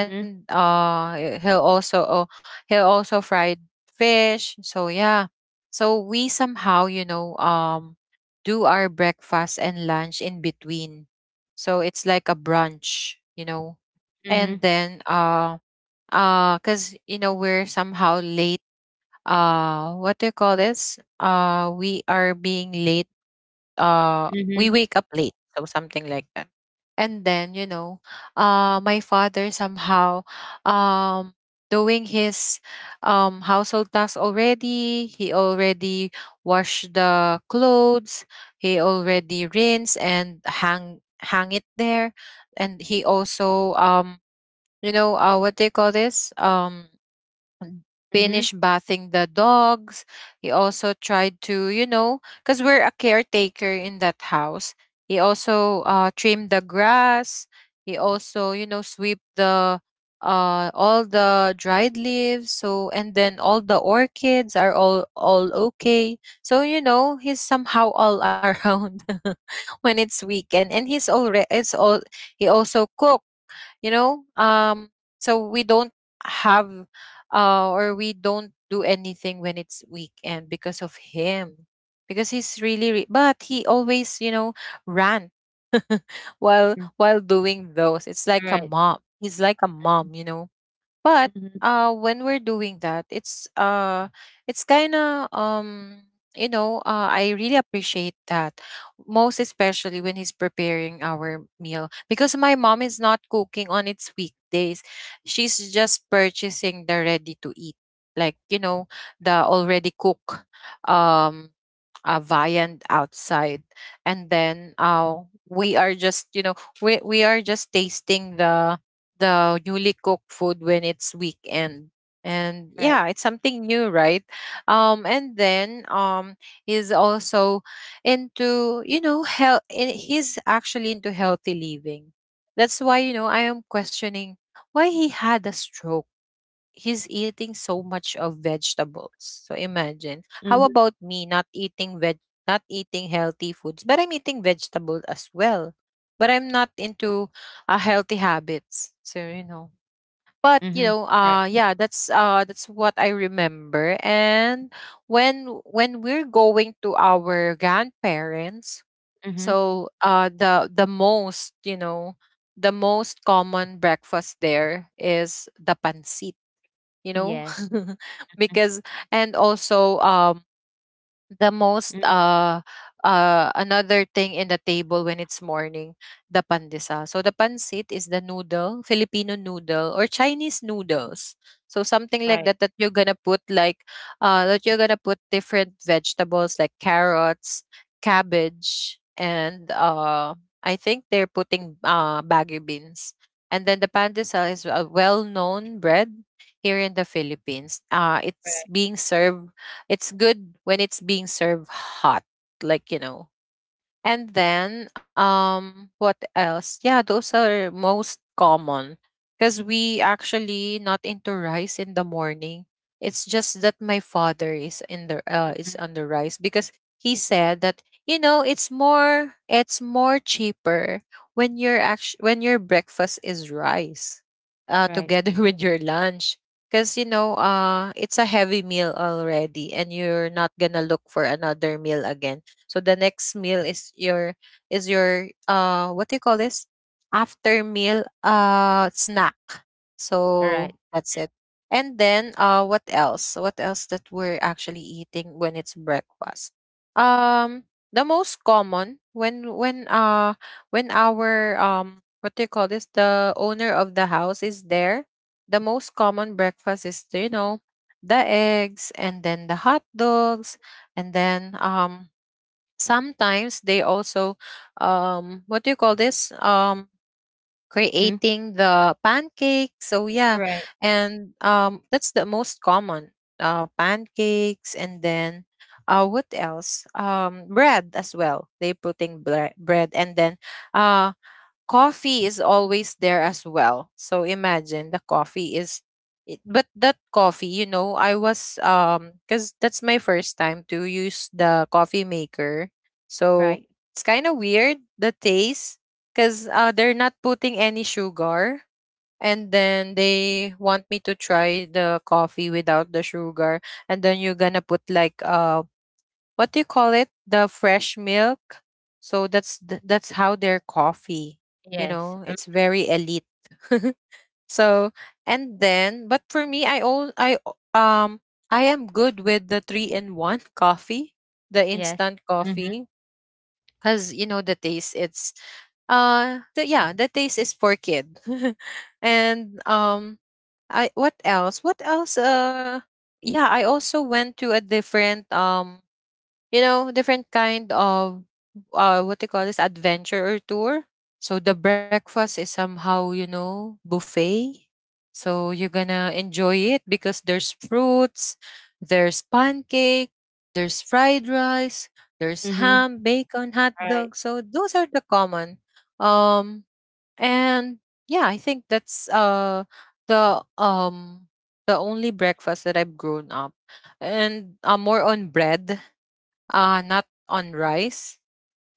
Speaker 2: Mm-hmm.
Speaker 1: he'll also fried fish, so yeah, so we somehow, do our breakfast and lunch in between, so it's like a brunch.
Speaker 2: Mm-hmm.
Speaker 1: And then, because, we're somehow late, what do you call this, we are being late, uh
Speaker 2: Mm-hmm.
Speaker 1: we wake up late, so something like that. And then, my father somehow, um doing his, household tasks already. He already washed the clothes, he already rinse and hang it there, and he also, what they call this,
Speaker 2: Mm-hmm.
Speaker 1: finish bathing the dogs. He also tried to, because we're a caretaker in that house. He also, trimmed the grass. He also, sweep the, all the dried leaves. So, and then, all the orchids are all okay, so he's somehow all around when it's weekend, and he's already it's all he also cooks, you know um so we don't have, or we don't do anything when it's weekend because of him, because he's really but he always, rant while
Speaker 2: Mm-hmm.
Speaker 1: doing those. It's like a
Speaker 2: Right.
Speaker 1: mom, he's like a mom. But,
Speaker 2: Mm-hmm.
Speaker 1: when we're doing that, it's, it's kind of, I really appreciate that, most especially when he's preparing our meal because my mom is not cooking on its weekdays, she's just purchasing the ready to eat, like, the already cooked, um viand outside, and then, we are just, we are just tasting the newly cooked food when it's weekend. And
Speaker 2: Right.
Speaker 1: yeah, it's something new, right. And then, he's also into, health. He's actually into healthy living, that's why, I am questioning why he had a stroke. He's eating so much of vegetables, so imagine how
Speaker 2: Mm-hmm.
Speaker 1: about me, not eating veg, not eating healthy foods, but I'm eating vegetables as well. But I'm not into, healthy habits. So, but,
Speaker 2: Mm-hmm. Right.
Speaker 1: yeah, that's what I remember. And when we're going to our grandparents,
Speaker 2: Mm-hmm.
Speaker 1: so, the most you know the most common breakfast there is the pancit. You know,
Speaker 2: Yes.
Speaker 1: because and also, the most
Speaker 2: Mm-hmm.
Speaker 1: another thing in the table when it's morning, the pandesa. So the pansit is the noodle, filipino noodle or chinese noodles, so something like
Speaker 2: Right.
Speaker 1: that, that you're gonna put like, that you're gonna put different vegetables like carrots, cabbage, and I think they're putting bagu beans. And then the pandesal is a well-known bread here in the philippines.
Speaker 2: Right.
Speaker 1: It's being served, it's good when it's being served hot, like, you know. And then, what else? Yeah, those are most common because we actually not into rice in the morning. It's just that my father is in the, is
Speaker 2: Mm-hmm.
Speaker 1: on the rice because he said that you know it's more, it's more cheaper when when your breakfast is rice,
Speaker 2: Right.
Speaker 1: together with your lunch. Because you know, it's a heavy meal already and you're not gonna look for another meal again. So the next meal is your, is your, what do you call this? After meal snack.
Speaker 2: All right.
Speaker 1: So that's it. And then, what else? What else that we're actually eating when it's breakfast? Um the most common when when our what do you call this? The owner of the house is there. The most common breakfast is, you know, the eggs, and then the hot dogs, and then, sometimes they also, what do you call this?
Speaker 2: Mm-hmm.
Speaker 1: Creating the pancake. So yeah,
Speaker 2: Right.
Speaker 1: and that's the most common. Pancakes, and then, what else? Bread as well. They putting bread, and then, uh, coffee is always there as well. So imagine the coffee is it, but that coffee, you know, I was, cuz that's my first time to use the coffee maker. So
Speaker 2: Right.
Speaker 1: it's kind of weird the taste cuz, they're not putting any sugar, and then they want me to try the coffee without the sugar, and then you're going to put like, what do you call it? The fresh milk. So that's how their coffee. You
Speaker 2: Yes.
Speaker 1: know, it's very elite. So, and then, but for me, I I am good with the three in one coffee, the
Speaker 2: Yes.
Speaker 1: instant
Speaker 2: Mm-hmm.
Speaker 1: coffee, because you know the taste. It's, the, yeah, the taste is for kid, and, I, what else? What else? Yeah, I also went to a different, you know, different kind of, what they call this, adventure or tour. So the breakfast is somehow, you know, buffet. So you're gonna enjoy it because there's fruits, there's pancake, there's fried rice, there's
Speaker 2: Mm-hmm.
Speaker 1: ham, bacon, hot
Speaker 2: Right.
Speaker 1: dog. So those are the common. Um and, yeah, I think that's, the, the only breakfast that I've grown up, and, more on bread, not on rice.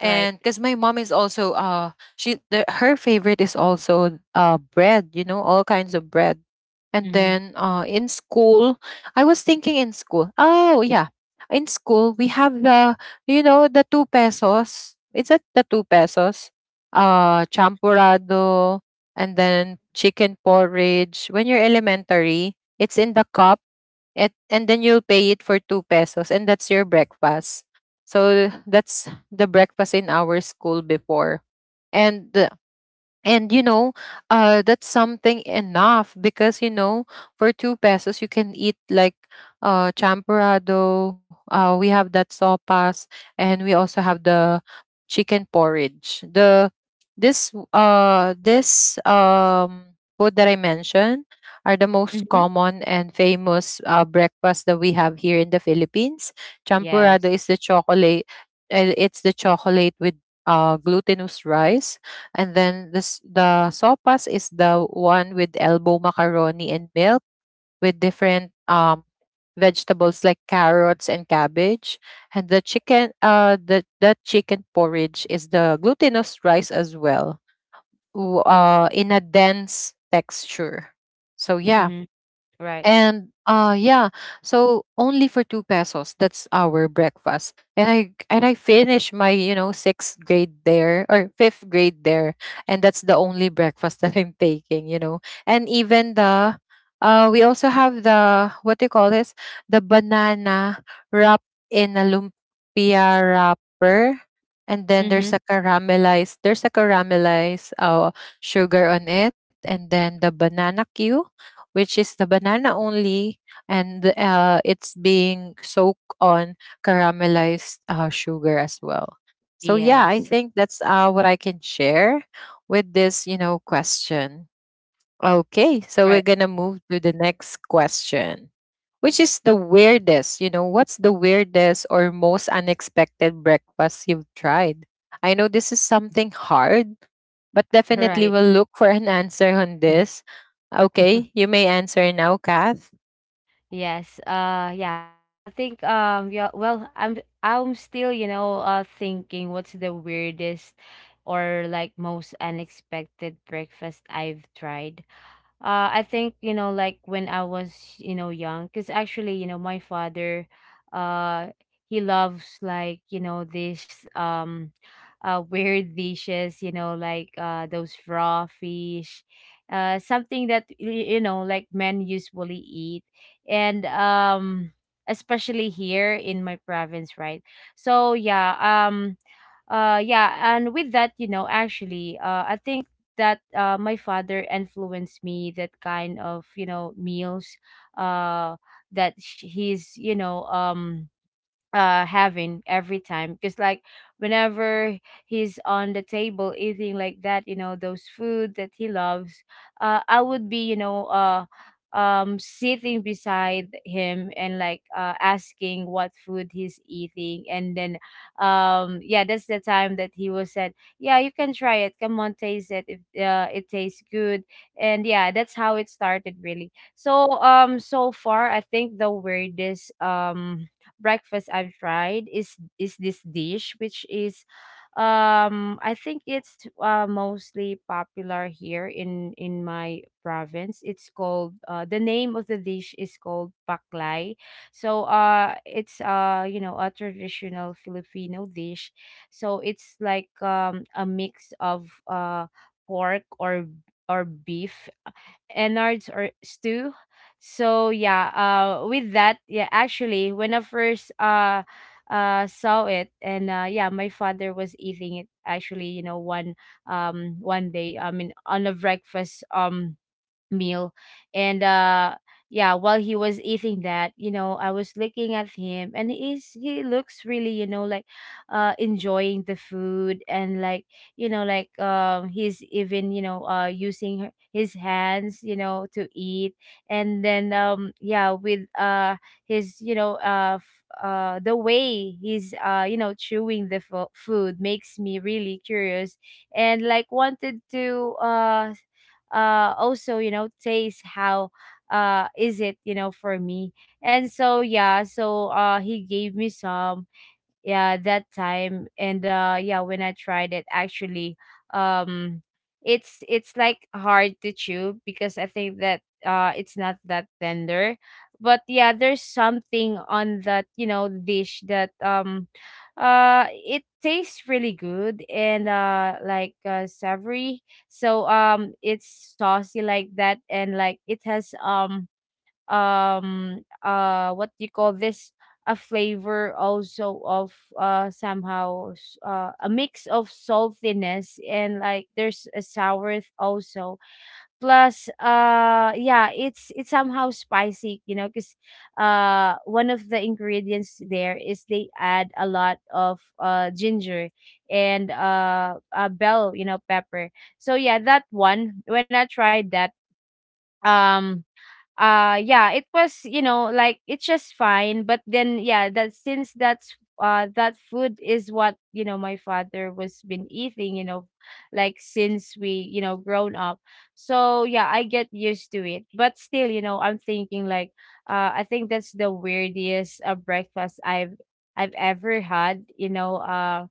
Speaker 2: Right.
Speaker 1: because my mom is also, she the, her favorite is also, bread, you know, all kinds of bread. And
Speaker 2: Mm-hmm.
Speaker 1: then, in school, I was thinking, in school, oh yeah, in school we have the, you know, the 2 pesos, is that the 2 pesos, champurrado, and then chicken porridge when you're elementary, it's in the cup. It, and then you'll pay it for 2 pesos, and that's your breakfast. So that's the breakfast in our school before. And and you know, that's something enough because you know, for 2 pesos you can eat like, champorado, we have that sopas, and we also have the chicken porridge, the this this food that I mentioned are the most
Speaker 2: Mm-hmm.
Speaker 1: common and famous, breakfast that we have here in the philippines.
Speaker 2: Yes.
Speaker 1: Champorado is the chocolate, it's the chocolate with, glutinous rice. And then this the sopas is the one with elbow macaroni and milk with different, vegetables like carrots and cabbage. And the chicken, the that chicken porridge is the glutinous rice as well. In a dense texture. So yeah,
Speaker 2: Mm-hmm. Right.
Speaker 1: and, yeah, so only for 2 pesos, that's our breakfast. And I finished my, you know, sixth grade there or fifth grade there. And that's the only breakfast that I'm taking, you know. And even the, we also have the, what do you call this? The banana wrapped in a lumpia wrapper. And then
Speaker 2: Mm-hmm.
Speaker 1: there's a caramelized, sugar on it, and then the banana cue, which is the banana only, and, it's being soaked on caramelized, sugar as well. So yeah, I
Speaker 2: Yes.
Speaker 1: think that's, what I can share with this, you know, question. Okay, so
Speaker 2: Right.
Speaker 1: we're gonna move to the next question, which is the weirdest. You know, what's the weirdest or most unexpected breakfast you've tried? I know this is something hard but definitely
Speaker 2: Right.
Speaker 1: we'll look for an answer on this. Okay, you may answer now, Kath.
Speaker 2: Yes. Yeah. I think, yeah. Well, I'm still, thinking what's the weirdest or, like, most unexpected breakfast I've tried. I think, like when I was, young, because actually, my father, uh he loves, like, this, weird dishes, like, those raw fish, something that like men usually eat, and, especially here in my province, right? So yeah. Yeah, and with that, actually, I think that, my father influenced me that kind of, meals, uh he's, having every time, because like whenever he's on the table eating like that, those food that he loves, I would be, sitting beside him, and like, asking what food he's eating, and then, yeah, that's the time that he was said, yeah, you can try it, come on, taste it, if, it tastes good. And yeah, that's how it started really. So, so far I think the weirdest, breakfast I've tried is, this dish, which is, I think it's, mostly popular here in my province. It's called, the name of the dish is called baklay. So, it's, a traditional Filipino dish. So it's like, a mix of, pork, or beef, enards, or stew. So yeah, with that, yeah, actually when I first, saw it and, yeah, my father was eating it. Actually, one day, I mean, on a breakfast, meal. And yeah, while he was eating that, I was looking at him, and he looks really, like, enjoying the food, and like, like, he's even, using his hands, to eat. And then, yeah, with, his, the way he's, chewing the food makes me really curious and like wanted to, also, taste how, is it, for me. And so yeah, so, he gave me some, yeah, that time. And yeah, when I tried it, actually, um it's like hard to chew because I think that, it's not that tender. But yeah, there's something on that, dish, that, it tastes really good, and, like, savory. So, it's saucy like that, and like it has, what do you call this, a flavor also of, somehow, a mix of saltiness, and like there's a sour, also. Plus, yeah, it's somehow spicy, because, one of the ingredients there is they add a lot of, ginger and, bell, pepper. So yeah, that one, when I tried that, um yeah, it was, like, it's just fine. But then yeah, that, since that's, that food is what, my father was been eating, like since we, grown up. So yeah, I get used to it, but still, I'm thinking like, I think that's the weirdest, breakfast I've ever had, you know uh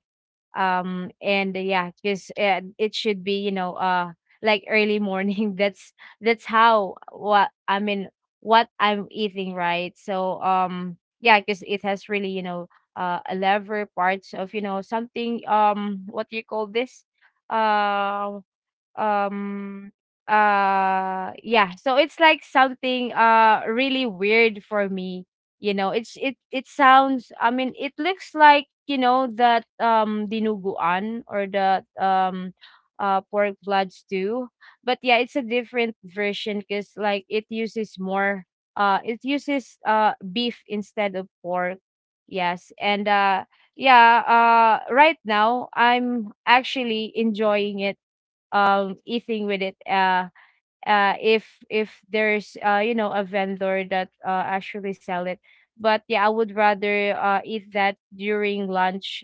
Speaker 2: um and yeah, because, it should be, like early morning. That's how, what I mean, what I'm eating, right? So, yeah, because it has really, a lever parts of, something, what do you call this. um um yeah, so it's like something, really weird for me, it's it sounds, I mean, it looks like, that, dinuguan, or the, pork blood stew. But yeah, it's a different version because like it uses more, it uses, beef instead of pork. Yes. And, yeah, right now I'm actually enjoying it, eating with it, if there's, a vendor that, actually sell it. But yeah, I would rather, eat that during lunch.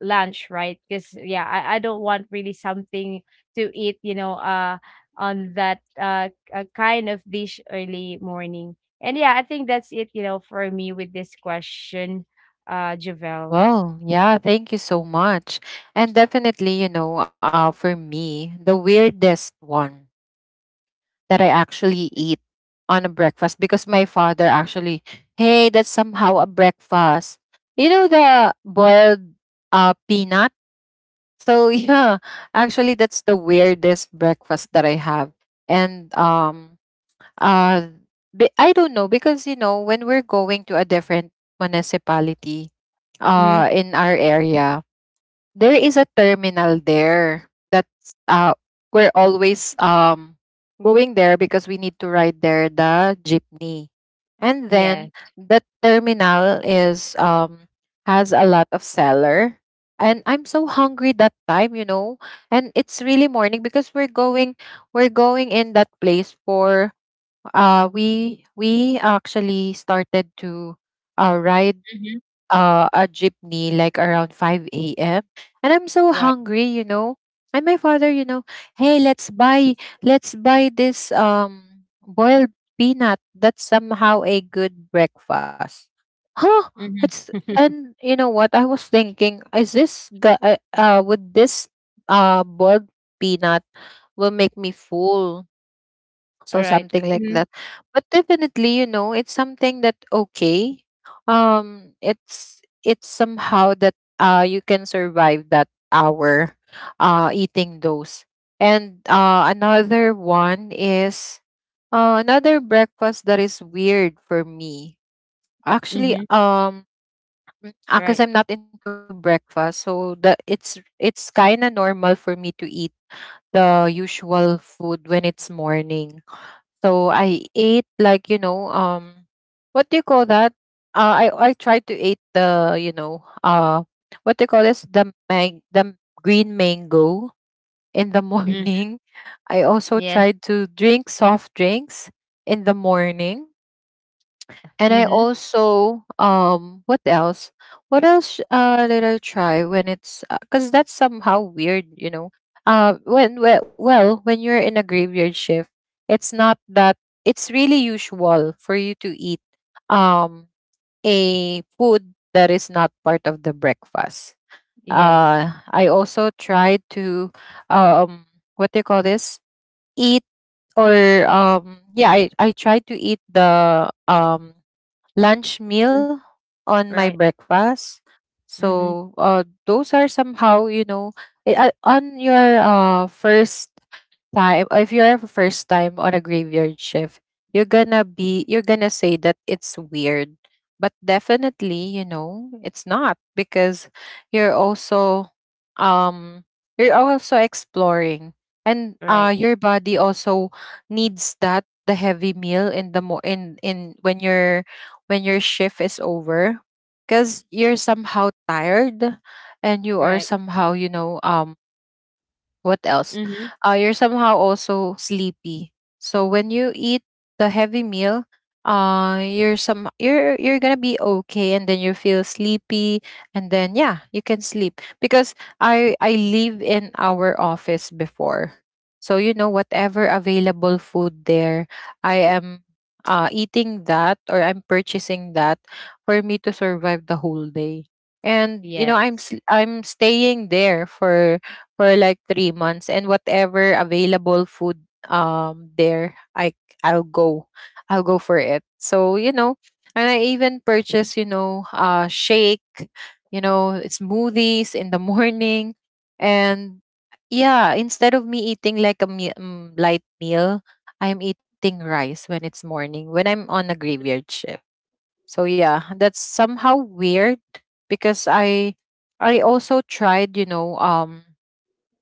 Speaker 2: Lunch, right? Because yeah, I don't want really something to eat, on that, a kind of dish early morning. And yeah, I think that's it, for me with this question, Javel.
Speaker 1: Well, yeah, thank you so much. And definitely, you know, for me, the weirdest one that I actually eat on a breakfast, because my father actually, hey, that's somehow a breakfast. You know, the boiled, peanut. So yeah, actually, that's the weirdest breakfast that I have. And, uh I don't know, because you know when we're going to a different municipality,
Speaker 2: Mm-hmm.
Speaker 1: in our area, there is a terminal there that's, we're always, going there because we need to ride there the jeepney. And
Speaker 2: Yeah.
Speaker 1: then the terminal is, has a lot of seller, and I'm so hungry that time, you know, and it's really morning because we're going in that place for, we actually started to, ride,
Speaker 2: Hmm.
Speaker 1: a jeepney like around 5 a.m., and I'm so
Speaker 2: Right.
Speaker 1: hungry, you know. And my father, you know, hey, let's buy this, boiled peanut, that's somehow a good breakfast. Huh? It's,
Speaker 2: Mm-hmm.
Speaker 1: and you know what I was thinking, would this, boiled peanut will make me full,
Speaker 2: All
Speaker 1: so
Speaker 2: right.
Speaker 1: something like
Speaker 2: Mm-hmm.
Speaker 1: that. But definitely, you know, it's something that, okay. It's somehow that, you can survive that hour, eating those. And, another one is, another breakfast that is weird for me. Actually,
Speaker 2: Mm-hmm.
Speaker 1: because
Speaker 2: Right.
Speaker 1: I'm not into breakfast, so the it's kind of normal for me to eat the usual food when it's morning. So I ate like, you know, what do you call that? I tried to eat the, you know, what do you call this, the green mango in the
Speaker 2: Mm,
Speaker 1: morning. I also
Speaker 2: yeah.
Speaker 1: tried to drink soft drinks in the morning, and I
Speaker 2: Mhm.
Speaker 1: also, what else? What else, did I try when it's, because that's somehow weird, you know. When well, when you're in a graveyard shift, it's not that, it's really usual for you to eat, um a food that is not part of the breakfast.
Speaker 2: Yes.
Speaker 1: I also tried to, um what do you call this? Eat, or, yeah, I tried to eat the, lunch
Speaker 2: Mm,
Speaker 1: meal on my
Speaker 2: right.
Speaker 1: breakfast.
Speaker 2: Mhm.
Speaker 1: So, those are somehow, you know, on your, first time, if you're a first time on a graveyard shift, you're gonna say that it's weird, but definitely you know it's not because you're also, um you're also exploring, and,
Speaker 2: Right.
Speaker 1: your body also needs that the heavy meal in the mo- in when your shift is over, because you're somehow tired, and you are
Speaker 2: Right.
Speaker 1: somehow you know, what else?
Speaker 2: Mhm.
Speaker 1: You're somehow also sleepy. So when you eat the heavy meal, you're some you're gonna be okay, and then you feel sleepy, and then yeah, you can sleep, because I live in our office before. So you know whatever available food there, I am, eating that or I'm purchasing that for me to survive the whole day, and you know I'm
Speaker 2: Yes.
Speaker 1: s- I'm staying there for like 3 months, and whatever available food, there, I'll go for it. So you know, and I even purchase, you know, shake, you know, smoothies in the morning. And yeah, instead of me eating like a light meal, I'm eating rice when it's morning when I'm on a graveyard shift. So yeah, that's somehow weird, because I also tried, you know,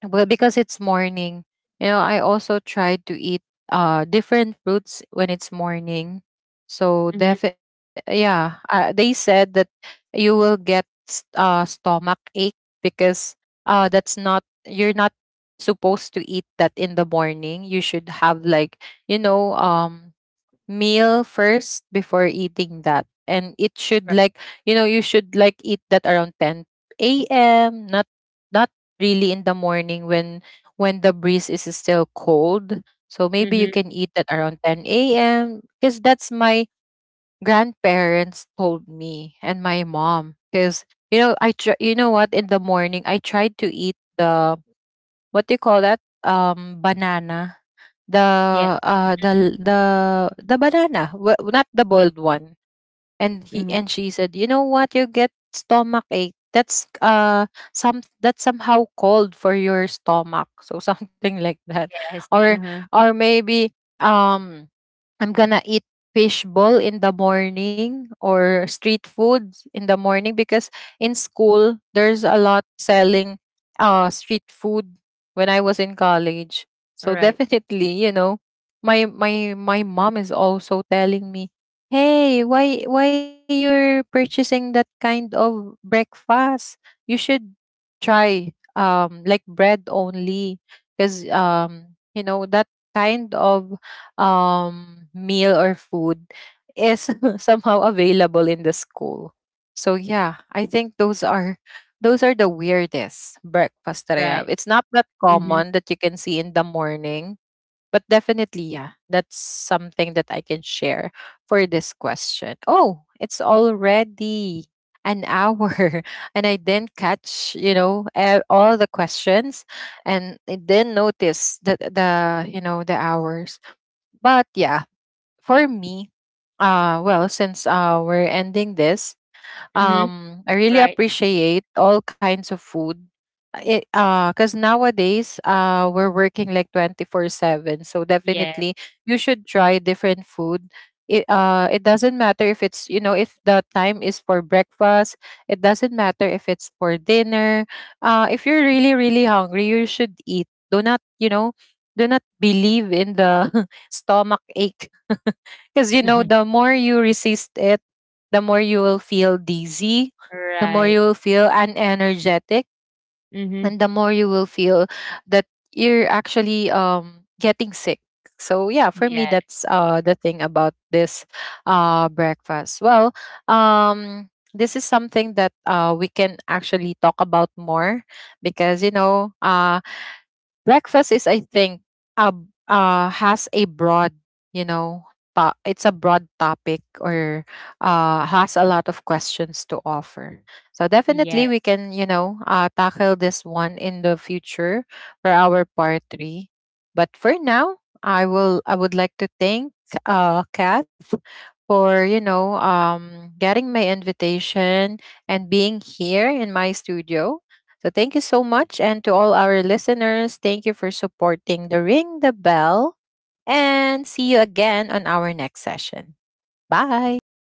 Speaker 1: well, because it's morning, you know, I also try to eat, different fruits when it's morning.
Speaker 2: Mhm.
Speaker 1: So yeah, they said that you will get stomach ache because, that's not you're not supposed to eat that in the morning. You should have like, you know, meal first before eating that, and it should
Speaker 2: Right.
Speaker 1: like, you know, you should like eat that around 10 a.m., not, not really in the morning when the breeze is still cold, so maybe you
Speaker 2: Mhm.
Speaker 1: can eat that around 10 a.m., because that's my grandparents told me, and my mom, because you know you know what, in the morning I tried to eat the, what do you call that, banana. The,
Speaker 2: Yes.
Speaker 1: uh, the the the banana, we not the boiled one. And he,
Speaker 2: Mhm.
Speaker 1: and she said, "You know what? You get stomach ache. That's, some that's somehow cold for your stomach." So something like that.
Speaker 2: Yes.
Speaker 1: Or
Speaker 2: Uh-huh.
Speaker 1: or maybe, um I'm gonna eat fishbowl in the morning, or street foods in the morning, because in school there's a lot selling, street food when I was in college. So
Speaker 2: Right.
Speaker 1: definitely, you know, my mom is also telling me, "Hey, why you're purchasing that kind of breakfast? You should try, like bread only, because, you know that kind of, meal or food is somehow available in the school." So yeah, I think those are the weirdest breakfast that I have.
Speaker 2: Right.
Speaker 1: It's not that
Speaker 2: Mhm.
Speaker 1: common that you can see in the morning, but definitely yeah, that's something that I can share for this question. Oh, it's already an hour and I didn't catch, you know, eh, all the questions, and I didn't notice the you know the hours. But yeah, for me, well, since, we're ending this,
Speaker 2: Mhm.
Speaker 1: I really
Speaker 2: Right.
Speaker 1: appreciate all kinds of food. It, because nowadays, we're working like 24/7, so
Speaker 2: Yeah.
Speaker 1: definitely you should try different food. It doesn't matter if it's, you know, if the time is for breakfast. It doesn't matter if it's for dinner. If you're really really hungry, you should eat. Do not, you know? Do not believe in the stomach ache. Because you know,
Speaker 2: Mhm.
Speaker 1: the more you resist it, the more you will feel dizzy, the more
Speaker 2: Right.
Speaker 1: you will feel unenergetic,
Speaker 2: Mhm.
Speaker 1: and the more you will feel that you're actually, getting sick. So yeah, for me
Speaker 2: Yeah.
Speaker 1: that's, the thing about this, breakfast. Well, this is something that, we can actually talk about more, because you know, breakfast is I think, uh, has a broad, you know, it's a broad topic, or, has a lot of questions to offer, so definitely
Speaker 2: Yeah.
Speaker 1: we can, you know, tackle this one in the future for our part 3. But for now, I would like to thank, Kath for, you know, getting my invitation and being here in my studio. So thank you so much. And to all our listeners, thank you for supporting the Ring the Bell. And see you again on our next session. Bye.